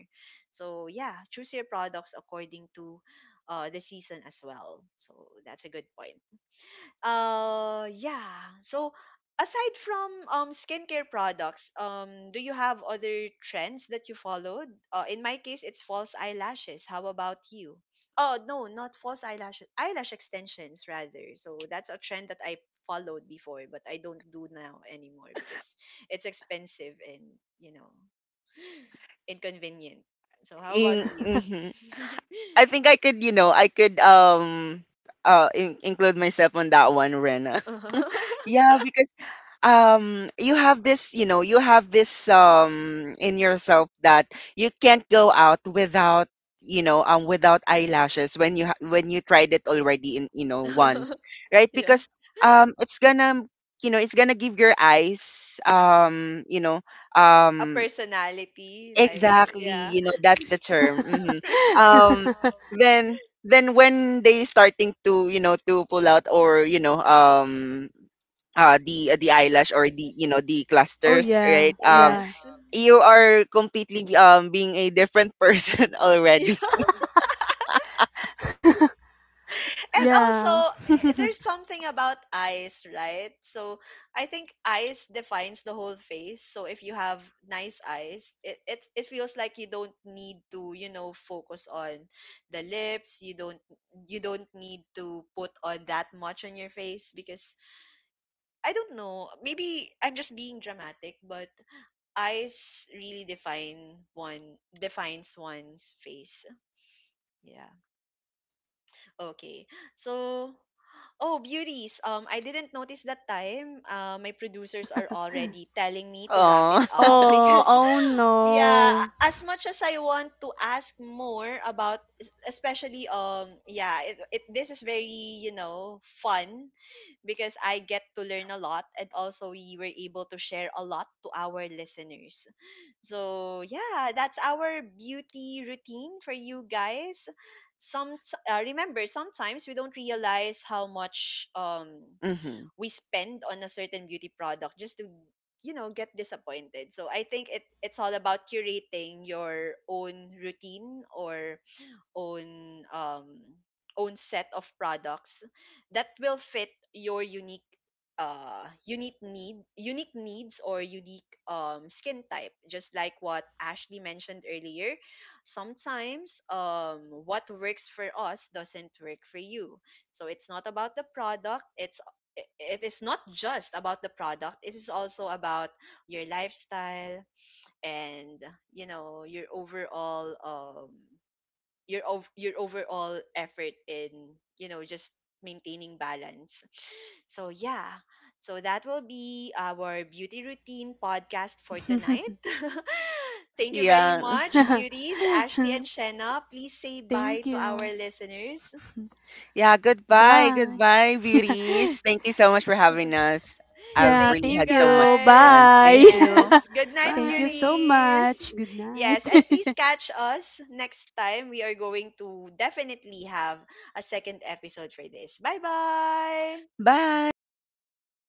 So yeah, choose your products according to the season as well. So that's a good point. Yeah. So aside from skincare products, do you have other trends that you followed? In my case, it's false eyelashes. How about you? Oh no, not false eyelashes. Eyelash extensions rather. So that's a trend that I followed before, but I don't do now anymore because it's expensive and, you know, inconvenient. So how about
In
you?
mhm. I think I could, you know, I could, include myself on that one, Rena. Yeah, because you have this, you know, you have this, in yourself, that you can't go out without, you know, without eyelashes, when you, when you tried it already, in, you know, once, right,
Yeah,
because it's gonna, you know, it's gonna give your eyes, you know,
a
um
personality like
exactly,
yeah.
you know, that's the term. Hmm. Um, then then when they starting to, you know, to pull out, or you know, the eyelash, or the, you know, the
Oh,
clusters, right.
yeah.
Um,
Yeah.
Yes.
you are completely, being a different person
Yeah.
already.
And also,
Yeah. So,
eh, there's something about eyes, right? So I think eyes defines the whole face. So if you have nice eyes, it feels like you don't need to, you know, focus on the lips. You don't need to put on that much on your face because I don't know, maybe I'm just being dramatic, but eyes really define one defines one's face. Yeah. Okay. So oh, beauties. I didn't notice that time. My producers are already telling me to wrap it
Oh,
up
oh,
because,
oh
yeah,
no.
as much as I want to ask more about, especially yeah, it this is very, you know, fun, because I get to learn a lot, and also we were able to share a lot to our listeners. So, yeah, that's our beauty routine for you guys. Some remember, sometimes we don't realize how much
hmm,
we spend on a certain beauty product just to, you know, get disappointed. So I think it it's all about curating your own routine, or own own set of products that will fit your unique unique need unique needs, or unique skin type, just like what Ashley mentioned earlier. Sometimes what works for us doesn't work for you. so it's not about the product it's it it is not just about the product, it is also about your lifestyle, and, you know, your overall your overall effort in, you know, just maintaining balance. So yeah. So that will be our beauty routine podcast for tonight. Thank you very
yeah.
much, beauties, Ashley and Shenna, please say bye
Thank
to
you.
our listeners.
Yeah, goodbye,
Yeah,
goodbye
bye.
beauties, thank you so much for having us. I've
Yeah,
Thank
really
you
had
thank
so much
you.
fun,
guys,
Bye.
thank you.
yes, good night,
Thank you
Bye.
so
beauties.
much. Good night.
Yes, and please catch us next time. We are going to definitely have a second episode for this. Bye bye.
Bye
Bye.